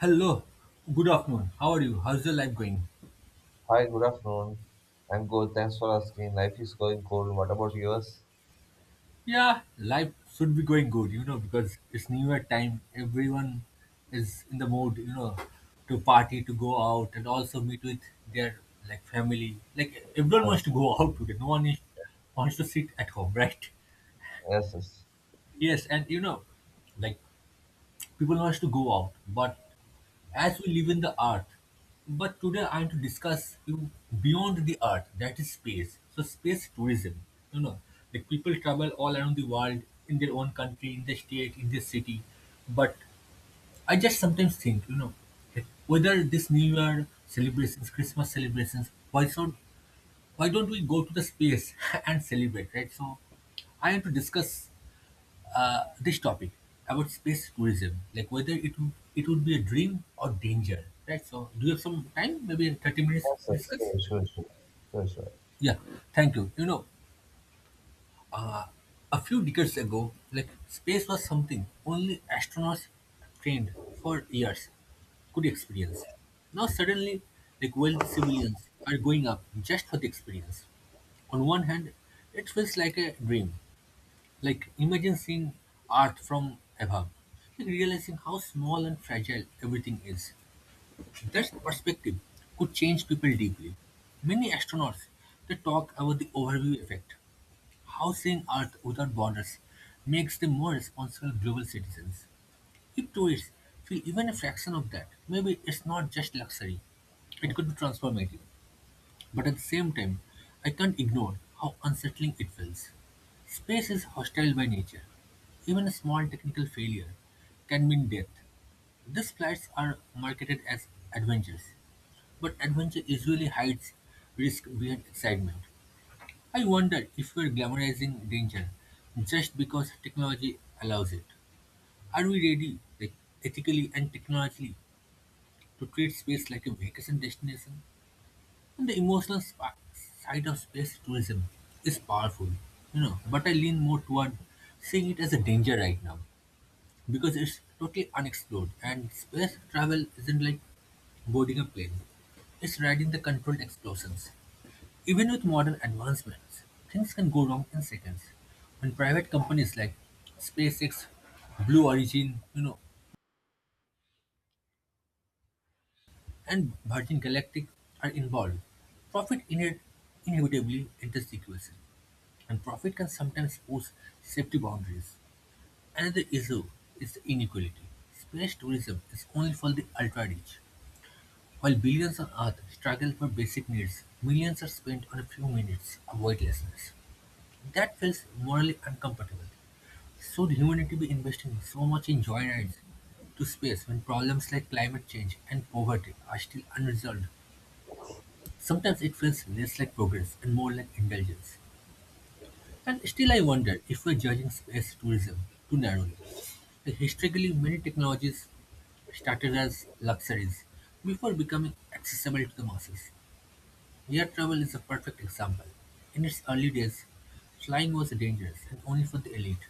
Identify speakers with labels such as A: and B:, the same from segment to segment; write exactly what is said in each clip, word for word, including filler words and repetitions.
A: Hello, good afternoon. How are you? How's your life going?
B: Hi, good afternoon. I'm good. Thanks for asking. Life is going cold. What about yours?
A: Yeah, life should be going good, you know, because it's New Year time. Everyone is in the mood, you know, to party, to go out, and also meet with their like family. Like everyone wants to
B: Yes,
A: go out today. No one is, wants to sit at home, right?
B: yes, yes,
A: Yes, and you know, like people wants to go out, but as we live in the earth. But today I want to discuss you beyond the earth, that is space. So space tourism. You know, like people travel all around the world in their own country, in their state, in their city. But I just sometimes think, you know, like, whether this New Year celebrations, Christmas celebrations, why so why don't we go to the space and celebrate, right? So I want to discuss uh, this topic about space tourism, like whether it would it would be a dream or danger, right? So, do you have some time? Maybe in thirty minutes
B: yes,
A: to
B: yes.
A: discuss.
B: Sure, sure, sure, sure, sure.
A: Yeah, thank you. You know, a few decades ago, like space was something only astronauts trained for years could experience. Now suddenly, like wealthy civilians are going up just for the experience. On one hand, it feels like a dream. Like imagine seeing Earth from above like realizing how small and fragile everything is. That perspective could change people deeply. Many astronauts they talk about the overview effect, how seeing Earth without borders makes them more responsible global citizens. If tourists feel even a fraction of that, maybe it's not just luxury; it could be transformative. But at the same time, I can't ignore how unsettling it feels. Space is hostile by nature. Even a small technical failure can mean death. These flights are marketed as adventures, but adventure usually hides risk behind excitement. I wonder if we're glamorizing danger just because technology allows it. Are we ready, like ethically and technologically, to treat space like a vacation destination? And the emotional sp- side of space tourism is powerful, you know, but I lean more toward seeing it as a danger right now because it's totally unexplored and space travel isn't like boarding a plane. It's riding the controlled explosions. Even with modern advancements, things can go wrong in seconds. When private companies like SpaceX, Blue Origin, you know, and Virgin Galactic are involved, profit ine- inevitably enters the equation. And profit can sometimes push safety boundaries. Another issue is inequality. Space tourism is only for the ultra rich. While billions on Earth struggle for basic needs, millions are spent on a few minutes of weightlessness. That feels morally uncomfortable. Should humanity be investing so much in joyrides to space when problems like climate change and poverty are still unresolved? Sometimes it feels less like progress and more like indulgence. And still I wonder if we're judging space tourism too narrowly. Like, historically, many technologies started as luxuries before becoming accessible to the masses. Air travel is a perfect example. In its early days, flying was dangerous and only for the elite.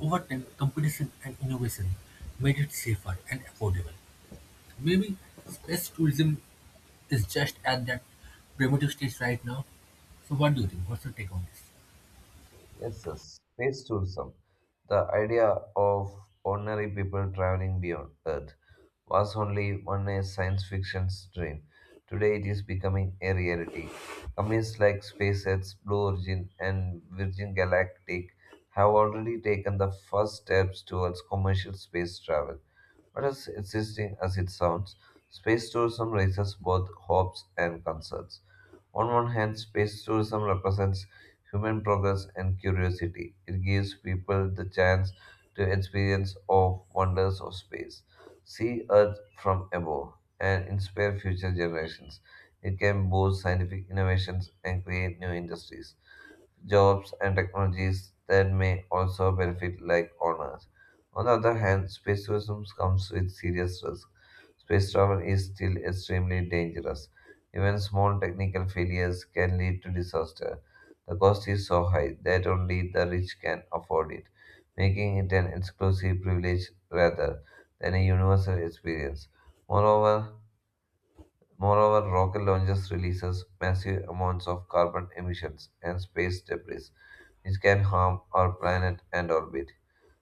A: Over time, competition and innovation made it safer and affordable. Maybe space tourism is just at that primitive stage right now. So, what do you think? What's your take on this?
B: Yes, yes. Space tourism, the idea of ordinary people traveling beyond Earth, was only one a science fiction's dream. Today it is becoming a reality. Companies like SpaceX, Blue Origin, and Virgin Galactic have already taken the first steps towards commercial space travel. But as existing as it sounds, space tourism raises both hopes and concerns. On one hand, space tourism represents human progress and curiosity. It gives people the chance to experience of wonders of space, see Earth from above, and inspire future generations. It can boost scientific innovations and create new industries jobs, and technologies that may also benefit like owners. On the other hand, space tourism comes with serious risks. Space travel is still extremely dangerous. Even small technical failures can lead to disaster. The cost is so high that only the rich can afford it, making it an exclusive privilege rather than a universal experience. Moreover, Moreover, rocket launches releases massive amounts of carbon emissions and space debris, which can harm our planet and orbit.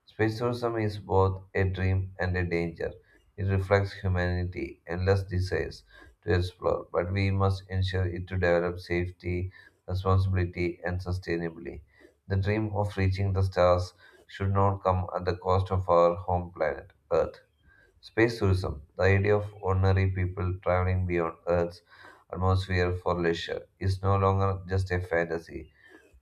B: Space tourism is both a dream and a danger. It reflects humanity's endless desires to explore, but we must ensure it to develop safety, responsibility, and sustainably. The dream of reaching the stars should not come at the cost of our home planet, Earth. Space tourism, the idea of ordinary people traveling beyond Earth's atmosphere for leisure, is no longer just a fantasy.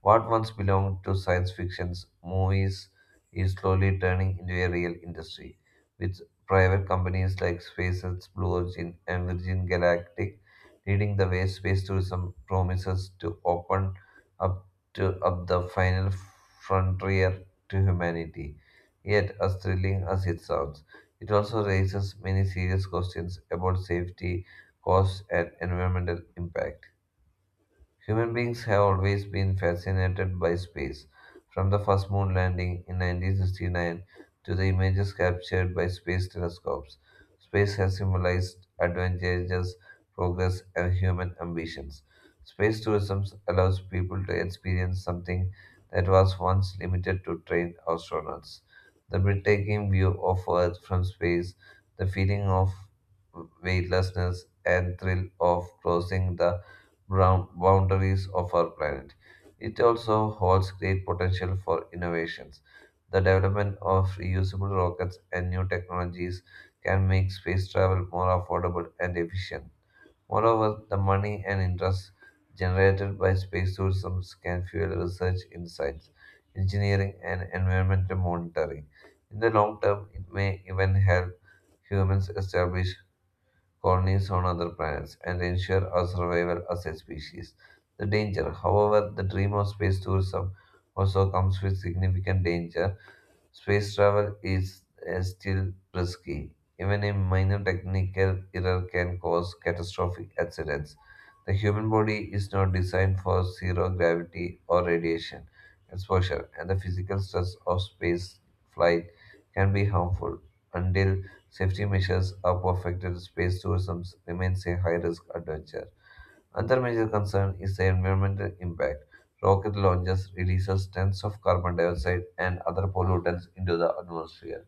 B: What once belonged to science fiction's movies is slowly turning into a real industry, with private companies like SpaceX, Blue Origin, and Virgin Galactic leading the way. Space tourism promises to open up to up the final frontier to humanity. Yet, as thrilling as it sounds, it also raises many serious questions about safety, costs, and environmental impact. Human beings have always been fascinated by space, from the first moon landing in nineteen sixty-nine to the images captured by space telescopes. Space has symbolized advantages, progress, and human ambitions. Space tourism allows people to experience something that was once limited to trained astronauts. The breathtaking view of Earth from space, the feeling of weightlessness, and thrill of crossing the round boundaries of our planet. It also holds great potential for innovations. The development of reusable rockets and new technologies can make space travel more affordable and efficient. Moreover, the money and interest generated by space tourism can fuel research in science, engineering, and environmental monitoring. In the long term, it may even help humans establish colonies on other planets, and ensure our survival as a species. The danger, however, the dream of space tourism also comes with significant danger. Space travel is uh, still risky. Even a minor technical error can cause catastrophic accidents. The human body is not designed for zero gravity or radiation exposure, and the physical stress of space flight can be harmful. Until safety measures are perfected, space tourism remains a high risk adventure. Another major concern is the environmental impact. Rocket launches releases tons of carbon dioxide and other pollutants into the atmosphere,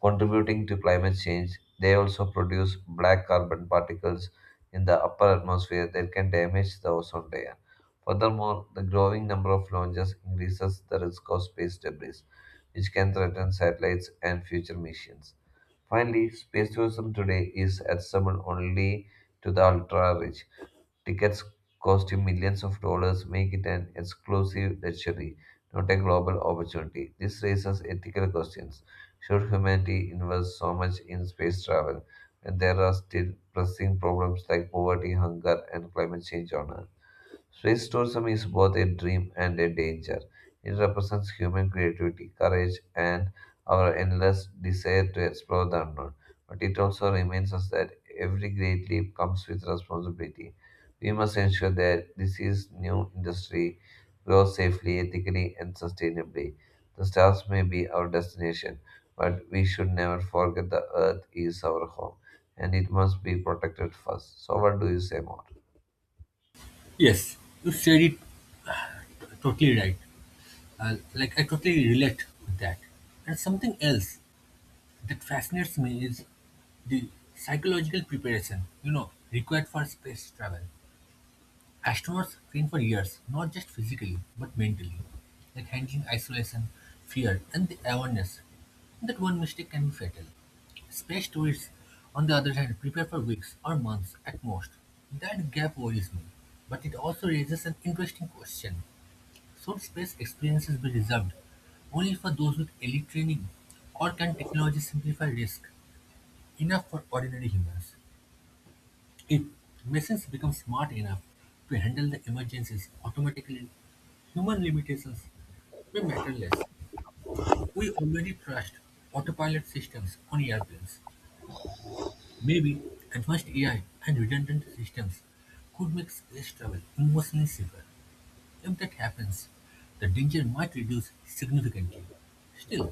B: contributing to climate change. They also produce black carbon particles in the upper atmosphere that can damage the ozone layer. Furthermore, the growing number of launches increases the risk of space debris, which can threaten satellites and future missions. Finally, space tourism today is accessible only to the ultra rich. Tickets cost you millions of dollars make it an exclusive luxury, not a global opportunity. This raises ethical questions. Should humanity invest so much in space travel when there are still pressing problems like poverty, hunger, and climate change on Earth? Space tourism is both a dream and a danger. It represents human creativity, courage, and our endless desire to explore the unknown. But it also reminds us that every great leap comes with responsibility. We must ensure that this is new industry grows safely, ethically, and sustainably. The stars may be our destination, but we should never forget the Earth is our home, and it must be protected first. So, what do you say more?
A: Yes, you said it totally right. Uh, like I totally relate with that. And something else that fascinates me is the psychological preparation, you know, required for space travel. Astronauts train for years, not just physically, but mentally. Like handling isolation, fear, and the awareness that one mistake can be fatal. Space tourists, on the other hand, prepare for weeks or months at most. That gap worries me, but it also raises an interesting question. Should space experiences be reserved only for those with elite training, or can technology simplify risk enough for ordinary humans? If machines become smart enough to handle the emergencies automatically, human limitations may matter less. We already trust autopilot systems on airplanes. Maybe advanced A I and redundant systems could make space travel emotionally safer. If that happens, the danger might reduce significantly. Still,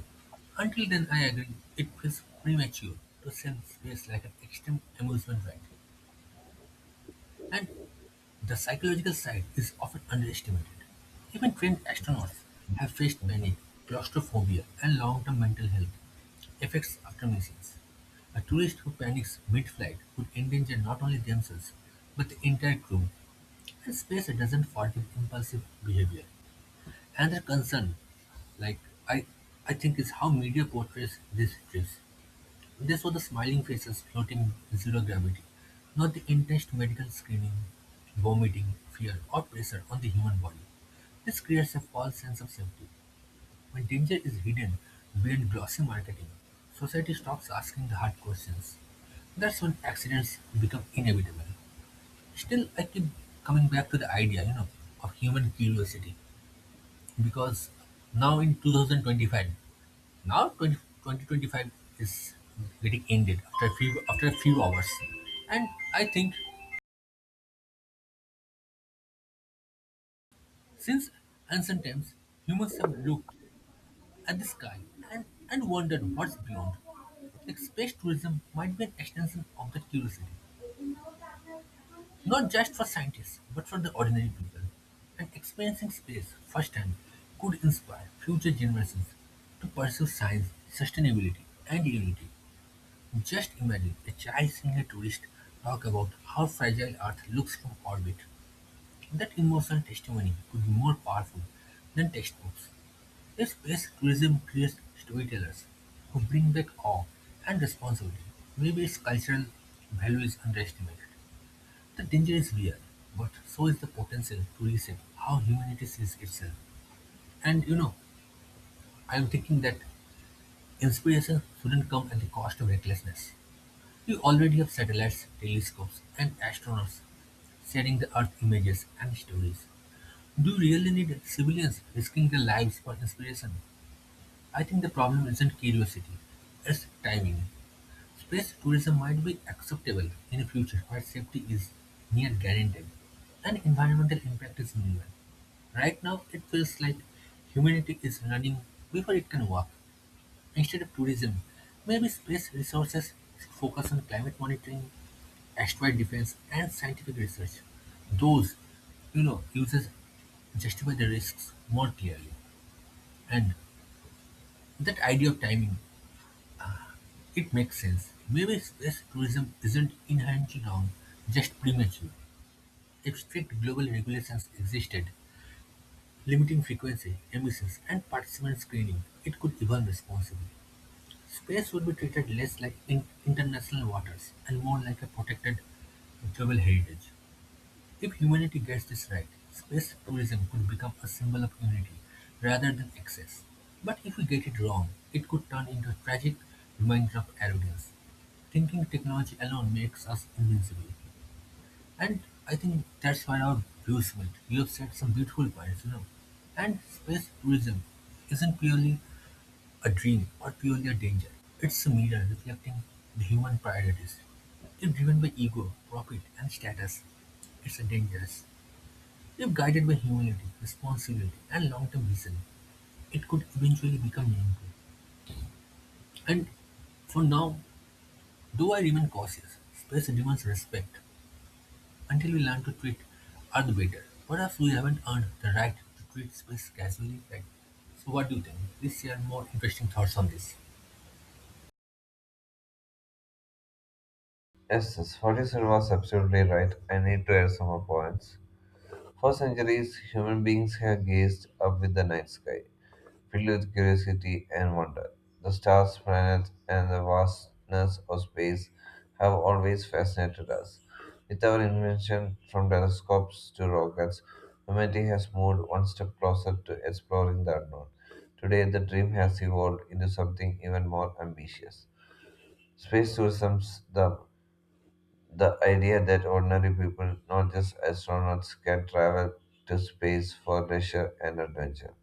A: until then I agree it feels premature to send space like an extreme amusement ride. And the psychological side is often underestimated. Even trained astronauts have faced panic, claustrophobia, and long-term mental health effects after missions. A tourist who panics mid-flight could endanger not only themselves, but the entire crew, and space doesn't forgive impulsive behavior. Another concern, like I, I think, is how media portrays these trips. They show the smiling faces floating in zero gravity, not the intense medical screening, vomiting, fear, or pressure on the human body. This creates a false sense of safety. When danger is hidden behind glossy marketing, society stops asking the hard questions. That's when accidents become inevitable. Still, I keep coming back to the idea, you know, of human curiosity because now in twenty twenty-five now twenty, twenty twenty-five is getting ended after a few after a few hours, and I think since ancient times humans have looked at the sky and, and wondered what's beyond, like space tourism might be an extension of that curiosity, not just for scientists but for the ordinary people, and experiencing space firsthand could inspire future generations to pursue science, sustainability, and unity. Just imagine a child seeing a tourist talk about how fragile Earth looks from orbit. That emotional testimony could be more powerful than textbooks. If space tourism creates storytellers who bring back awe and responsibility, maybe its cultural value is underestimated. The danger is real, but so is the potential to reset how humanity sees itself. And you know, I'm thinking that inspiration shouldn't come at the cost of recklessness. We already have satellites, telescopes, and astronauts sharing the Earth images and stories. Do we really need civilians risking their lives for inspiration? I think the problem isn't curiosity, it's timing. Space tourism might be acceptable in a future where safety is near guaranteed and environmental impact is minimal. Right now, it feels like humanity is running before it can walk. Instead of tourism, maybe space resources should focus on climate monitoring, asteroid defense, and scientific research. Those, you know, uses justify the risks more clearly. And that idea of timing, it makes sense. Maybe space tourism isn't inherently wrong, just premature. If strict global regulations existed, limiting frequency, emissions, and participant screening, it could evolve responsibly. Space would be treated less like in- international waters and more like a protected global heritage. If humanity gets this right, space tourism could become a symbol of unity rather than excess. But if we get it wrong, it could turn into a tragic reminder of arrogance. Thinking technology alone makes us invincible. And I think that's where our views went. You have said some beautiful points, you know. And space tourism isn't purely a dream, or purely a danger. It's a mirror reflecting the human priorities. If driven by ego, profit, and status, it's a dangerous. If guided by humility, responsibility, and long term vision, it could eventually become meaningful. And for now, though I remain cautious, space demands respect. Until we learn to treat other better, perhaps we haven't earned the right to treat space casually. Right? So, what do you think? Please share more interesting thoughts on this.
B: Yes, yes, Ferguson was absolutely right. I need to add some more points. For centuries, human beings have gazed up with the night sky, filled with curiosity and wonder. The stars, planets, and the vastness of space have always fascinated us. With our invention from telescopes to rockets, humanity has moved one step closer to exploring the unknown. Today, the dream has evolved into something even more ambitious. Space tourism, the the idea that ordinary people, not just astronauts, can travel to space for leisure and adventure.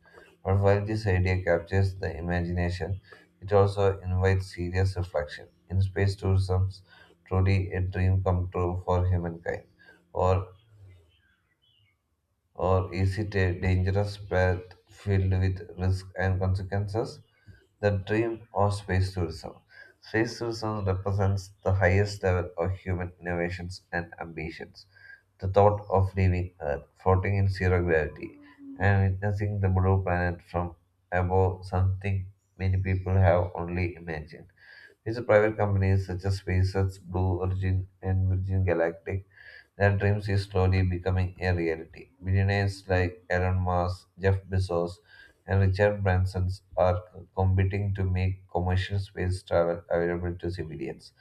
B: But while this idea captures the imagination, it also invites serious reflection. In space tourism, truly a dream come true for humankind, or or is it a dangerous path filled with risk and consequences? The dream of space tourism. Space tourism represents the highest level of human innovations and ambitions. The thought of leaving Earth, floating in zero gravity, and witnessing the blue planet from above something many people have only imagined. It's private companies such as SpaceX, Blue Origin, and Virgin Galactic that dreams is slowly becoming a reality. Billionaires like Elon Musk, Jeff Bezos, and Richard Branson are competing to make commercial space travel available to civilians,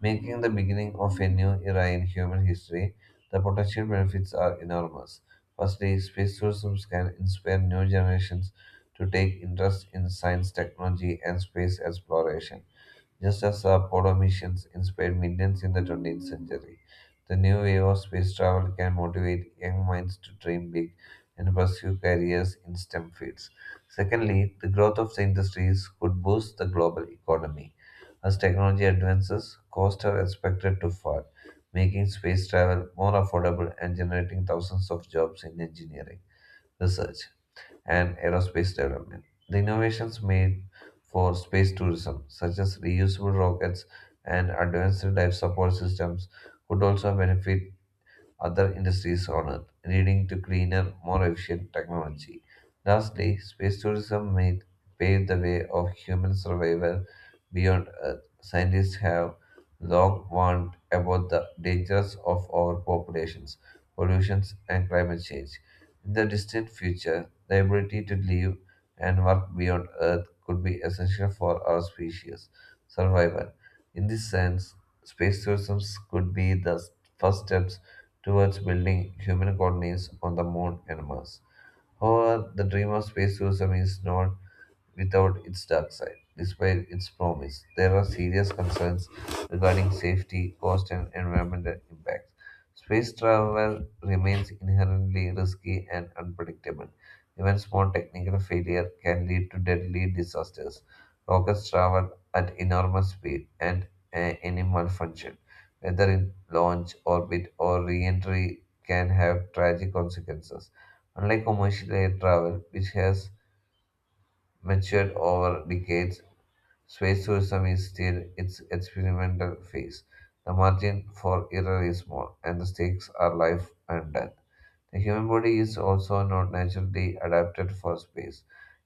B: making the beginning of a new era in human history. The potential benefits are enormous. Firstly, space tourism can inspire new generations to take interest in science, technology, and space exploration. Just as the Apollo missions inspired millions in the twentieth century, the new wave of space travel can motivate young minds to dream big and pursue careers in STEM fields. Secondly, the growth of the industries could boost the global economy. As technology advances, costs are expected to fall, making space travel more affordable and generating thousands of jobs in engineering research and aerospace development. The innovations made for space tourism, such as reusable rockets and advanced life support systems, could also benefit other industries on Earth, leading to cleaner, more efficient technology. Lastly, space tourism may pave the way of human survival beyond Earth. Scientists have long warned about the dangers of overpopulations, pollutions, and climate change. In the distant future, the ability to live and work beyond Earth could be essential for our species survival. In this sense, space tourism could be the s- first steps towards building human colonies on the Moon and Mars. However, the dream of space tourism is not without its dark side. Despite its promise, there are serious concerns regarding safety, cost, and environmental impacts. Space travel remains inherently risky and unpredictable. Even small technical failure can lead to deadly disasters. Rockets travel at enormous speed, and a- any malfunction, whether in launch, orbit, or re-entry, can have tragic consequences. Unlike commercial air travel, which has matured over decades, space tourism is still in its experimental phase. The margin for error is small, and the stakes are life and death. The human body is also not naturally adapted for space.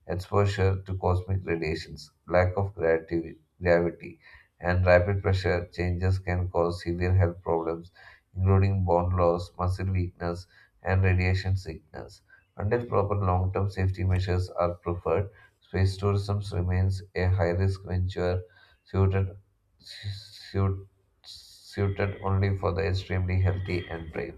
B: Exposure to cosmic radiations, lack of gravity, gravity, and rapid pressure changes can cause severe health problems, including bone loss, muscle weakness, and radiation sickness. Until proper long term safety measures are preferred, space tourism remains a high risk venture suited, suit, suited only for the extremely healthy and brave.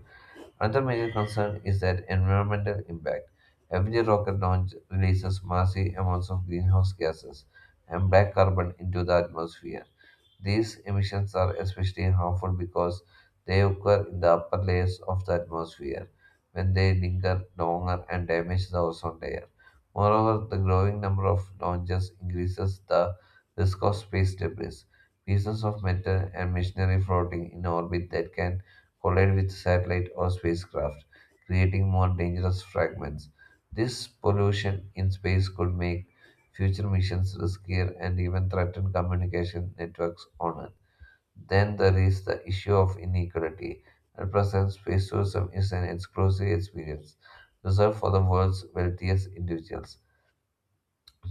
B: Another major concern is that environmental impact. Every rocket launch releases massive amounts of greenhouse gases and black carbon into the atmosphere. These emissions are especially harmful because they occur in the upper layers of the atmosphere when they linger longer and damage the ozone layer. Moreover, the growing number of launches increases the risk of space debris, pieces of metal and machinery floating in orbit that can collide with satellite or spacecraft, creating more dangerous fragments. This pollution in space could make future missions riskier and even threaten communication networks on Earth. Then there is the issue of inequality. At present, space tourism is an exclusive experience reserved for the world's wealthiest individuals.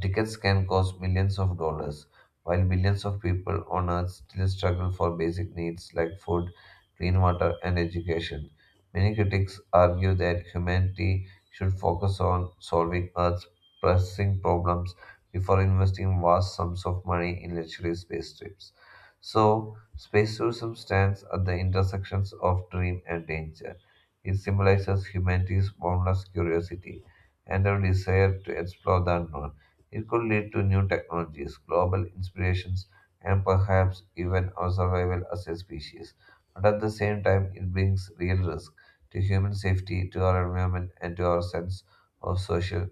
B: Tickets can cost millions of dollars, while billions of people on Earth still struggle for basic needs like food, clean water, and education. Many critics argue that humanity should focus on solving Earth's pressing problems before investing vast sums of money in luxury space trips. So, space tourism stands at the intersections of dream and danger. It symbolizes humanity's boundless curiosity and our desire to explore the unknown. It could lead to new technologies, global inspirations, and perhaps even our survival as a species. But at the same time, it brings real risk to human safety, to our environment, and to our sense of social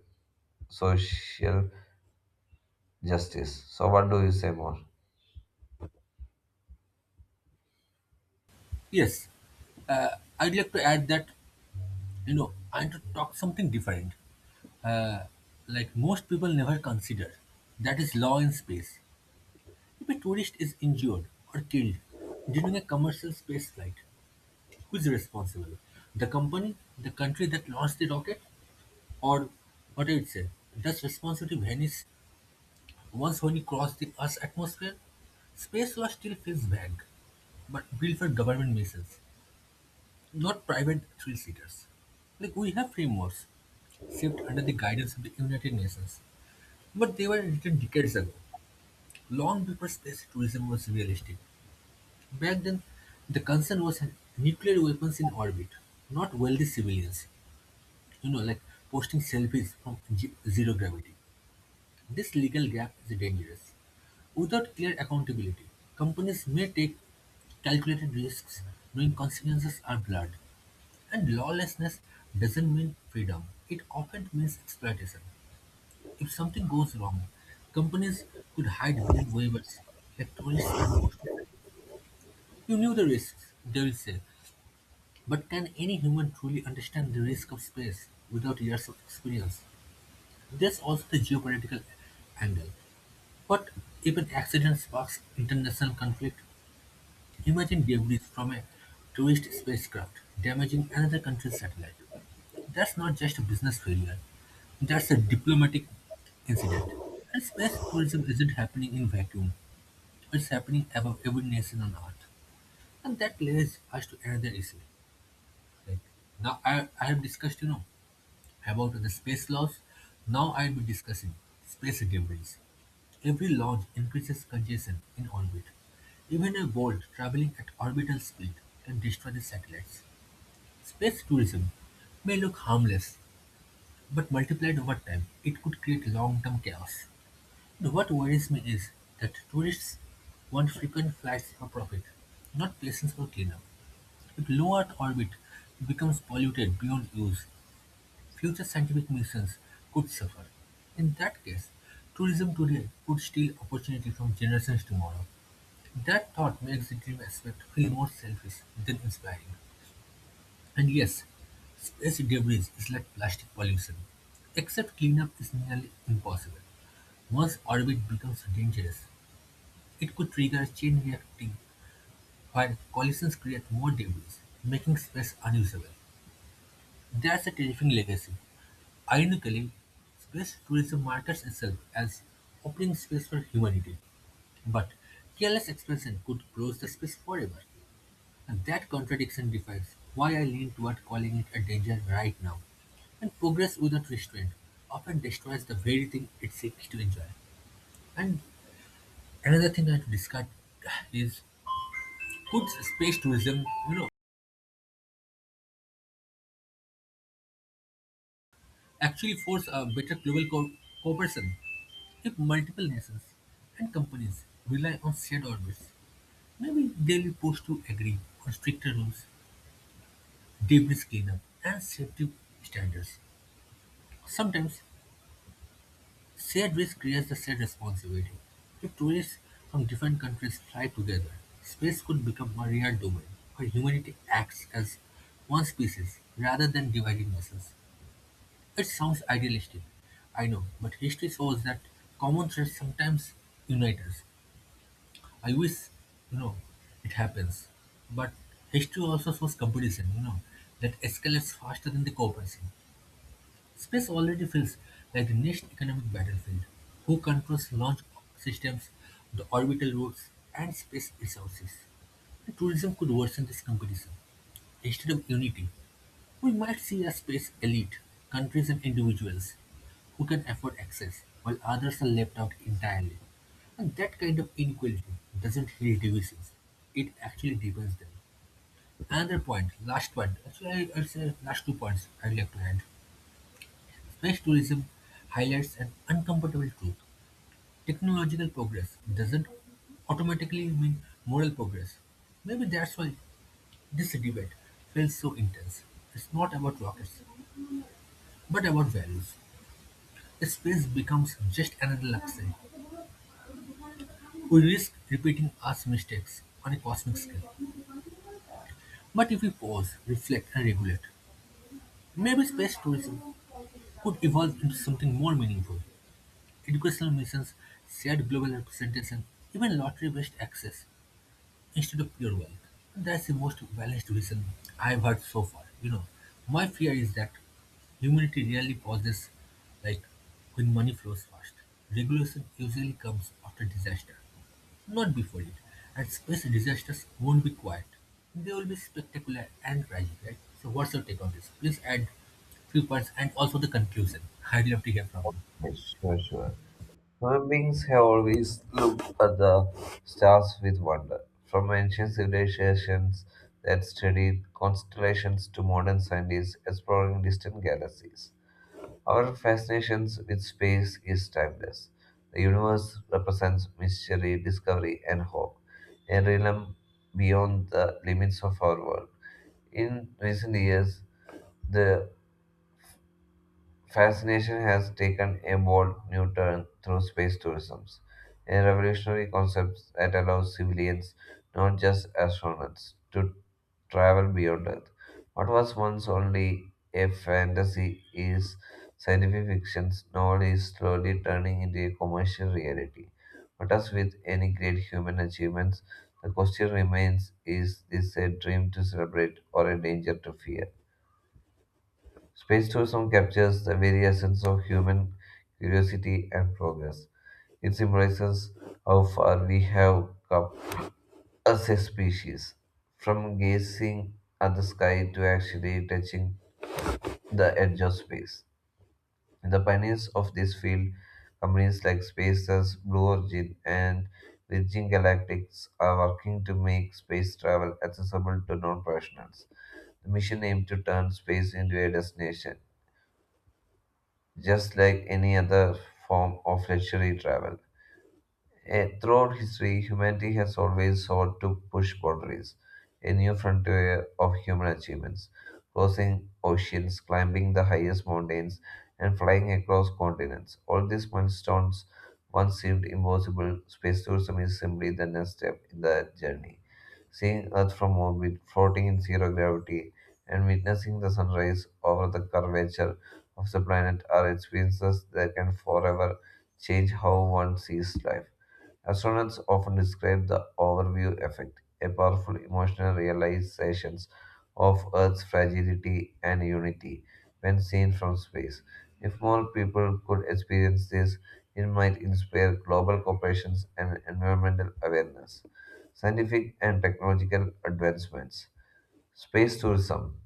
B: social justice. So, what do you say more?
A: Yes, I'd like to add that, you know, I want to talk something different, like most people never consider. That is law in space. If a tourist is injured or killed during a commercial space flight, who is responsible? The company, the country that launched the rocket, or what do you say? Does responsibility vanish once when you cross the Earth's atmosphere? Space law still feels vague, but built for government missions, not private thrill seekers. Like we have frameworks shaped under the guidance of the United Nations, but they were written decades ago, long before space tourism was realistic. Back then, the concern was nuclear weapons in orbit, not wealthy civilians, you know, like posting selfies from ge- zero gravity. This legal gap is dangerous. Without clear accountability, companies may take calculated risks knowing consequences are blurred. And lawlessness doesn't mean freedom, it often means exploitation. If something goes wrong, companies could hide behind waivers, like tourists are forced to. You knew the risks, they will say. But can any human truly understand the risk of space without years of experience? There's also the geopolitical angle. What if an accident sparks international conflict? Imagine debris from a tourist spacecraft damaging another country's satellite. That's not just a business failure, that's a diplomatic incident. And space tourism isn't happening in vacuum, it's happening above every nation on Earth. And that leads us to another issue. Like now I, I have discussed, you know, about the space laws, now I'll be discussing space debris. Every launch increases congestion in orbit. Even a bolt traveling at orbital speed can destroy the satellites. Space tourism may look harmless, but multiplied over time, it could create long term chaos. And what worries me is that tourists want frequent flights for profit, not places for cleanup. If low Earth orbit becomes polluted beyond use, future scientific missions could suffer. In that case, tourism today could steal opportunity from generations tomorrow. That thought makes the dream aspect feel more selfish than inspiring. And yes, space debris is like plastic pollution, except cleanup is nearly impossible. Once orbit becomes dangerous, it could trigger a chain reacting where collisions create more debris, making space unusable. That's a terrifying legacy. Ironically, space tourism markets itself as opening space for humanity, but careless expansion could close the space forever. And that contradiction defines why I lean toward calling it a danger right now. And progress without restraint often destroys the very thing it seeks to enjoy. And another thing I have to discuss is, could space tourism, you know, actually force a better global co- cooperation if multiple nations and companies rely on shared orbits? Maybe they will push to agree on stricter rules, deep risk cleanup, and safety standards. Sometimes, shared risk creates the shared responsibility. If tourists from different countries fly together, space could become a real domain where humanity acts as one species rather than dividing nations. It sounds idealistic, I know, but history shows that common threats sometimes unite us. I wish, you know, it happens. But history also shows competition, you know, that escalates faster than the cooperation. Space already feels like the next economic battlefield. Who controls launch systems, the orbital routes, and space resources? And tourism could worsen this competition instead of unity. We might see a space elite, countries and individuals, who can afford access, while others are left out entirely. And that kind of inequality doesn't heal divisions, it actually deepens them. Another point, last point, actually, I- I'd say last two points I'd like to add. Space tourism highlights an uncomfortable truth: technological progress doesn't automatically mean moral progress. Maybe that's why this debate feels so intense. It's not about rockets, but about values. Space becomes just another luxury. We risk repeating Earth's mistakes on a cosmic scale. But if we pause, reflect, and regulate, maybe space tourism could evolve into something more meaningful. Educational missions, shared global representation, even lottery based access, instead of pure wealth. That's the most balanced reason I've heard so far. You know, my fear is that humanity really pauses, like when money flows fast. Regulation usually comes after disaster, not before it. And space disasters won't be quiet. They will be spectacular and tragic, right? So what's your take on this? Please add few points and also the conclusion. I'd love to hear from you.
B: Yes, sure, sure. Human beings have always looked at the stars with wonder. From ancient civilizations that studied constellations to modern scientists exploring distant galaxies. Our fascination with space is timeless. The universe represents mystery, discovery, and hope, a realm beyond the limits of our world. In recent years, the fascination has taken a bold new turn through space tourism, a revolutionary concept that allows civilians, not just astronauts, to travel beyond Earth. What was once only a fantasy is scientific fiction's novel is slowly turning into a commercial reality. But as with any great human achievements, the question remains, is this a dream to celebrate or a danger to fear? Space tourism captures the very essence of human curiosity and progress. It symbolizes how far we have come as a species, from gazing at the sky to actually touching the edge of space. The pioneers of this field, companies like SpaceX, Blue Origin, and Virgin Galactics, are working to make space travel accessible to non-professionals. The mission aimed to turn space into a destination just like any other form of luxury travel. Eh, throughout history, humanity has always sought to push boundaries, a new frontier of human achievements, crossing oceans, climbing the highest mountains, and flying across continents. All these milestones once seemed impossible. Space tourism is simply the next step in that journey. Seeing Earth from orbit, floating in zero gravity, and witnessing the sunrise over the curvature of the planet are experiences that can forever change how one sees life. Astronauts often describe the overview effect, a powerful emotional realization of Earth's fragility and unity when seen from space. If more people could experience this, it might inspire global cooperation and environmental awareness. Scientific and technological advancements. Space tourism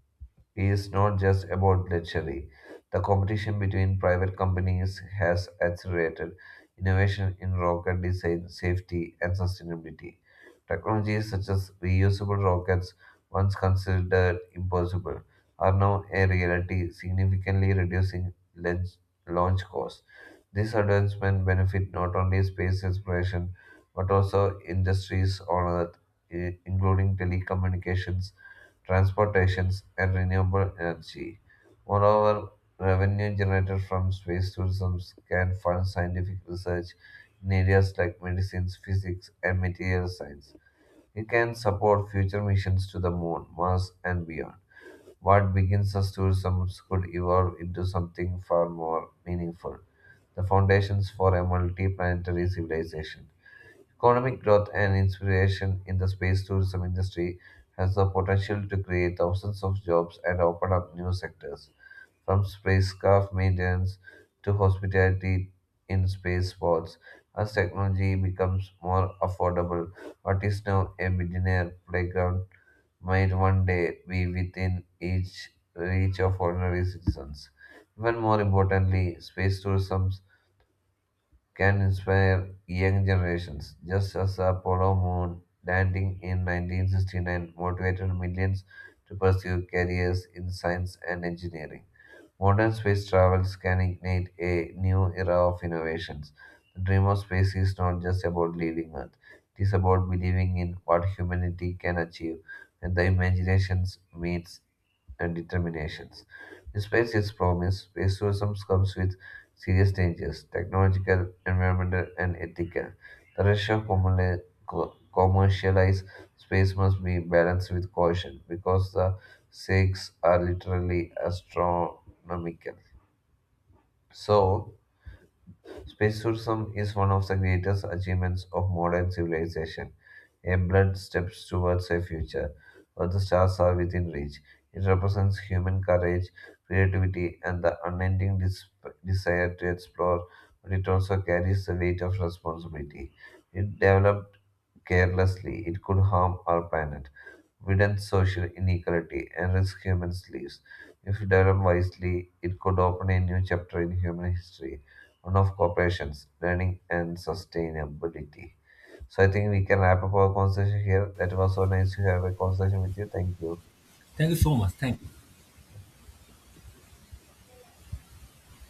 B: is not just about luxury. The competition between private companies has accelerated innovation in rocket design, safety, and sustainability. Technologies such as reusable rockets, once considered impossible, are now a reality, significantly reducing launch launch costs. This advancement benefit not only space exploration but also industries on Earth i- including telecommunications, transportations, and renewable energy. Moreover, revenue generated from space tourism can fund scientific research in areas like medicines, physics, and material science. It can support future missions to the moon, Mars, and beyond. What begins as tourism could evolve into something far more meaningful, the foundations for a multi planetary civilization. Economic growth and inspiration in the space tourism industry has the potential to create thousands of jobs and open up new sectors, from spacecraft maintenance to hospitality in space sports. As technology becomes more affordable, what is now a billionaire playground might one day be within each reach of ordinary citizens. Even more importantly, space tourism can inspire young generations, just as the Apollo moon landing in nineteen sixty-nine motivated millions to pursue careers in science and engineering. Modern space travels can ignite a new era of innovations. The dream of space is not just about leaving Earth, it is about believing in what humanity can achieve when the imagination meets and determinations. Despite its promise, space tourism comes with serious dangers, technological, environmental, and ethical. The rush of commerli- co- commercialized space must be balanced with caution because the stakes are literally astronomical. So, space tourism is one of the greatest achievements of modern civilization, a bold step towards a future where the stars are within reach. It represents human courage, creativity, and the unending dis- desire to explore, but it also carries the weight of responsibility. It developed carelessly, it could harm our planet, widen social inequality, and risk humans' lives. If developed wisely, it could open a new chapter in human history, one of cooperations, learning, and sustainability. So I think we can wrap up our conversation here. That was so nice to have a conversation with you. Thank you.
A: Thank you so much. Thank you.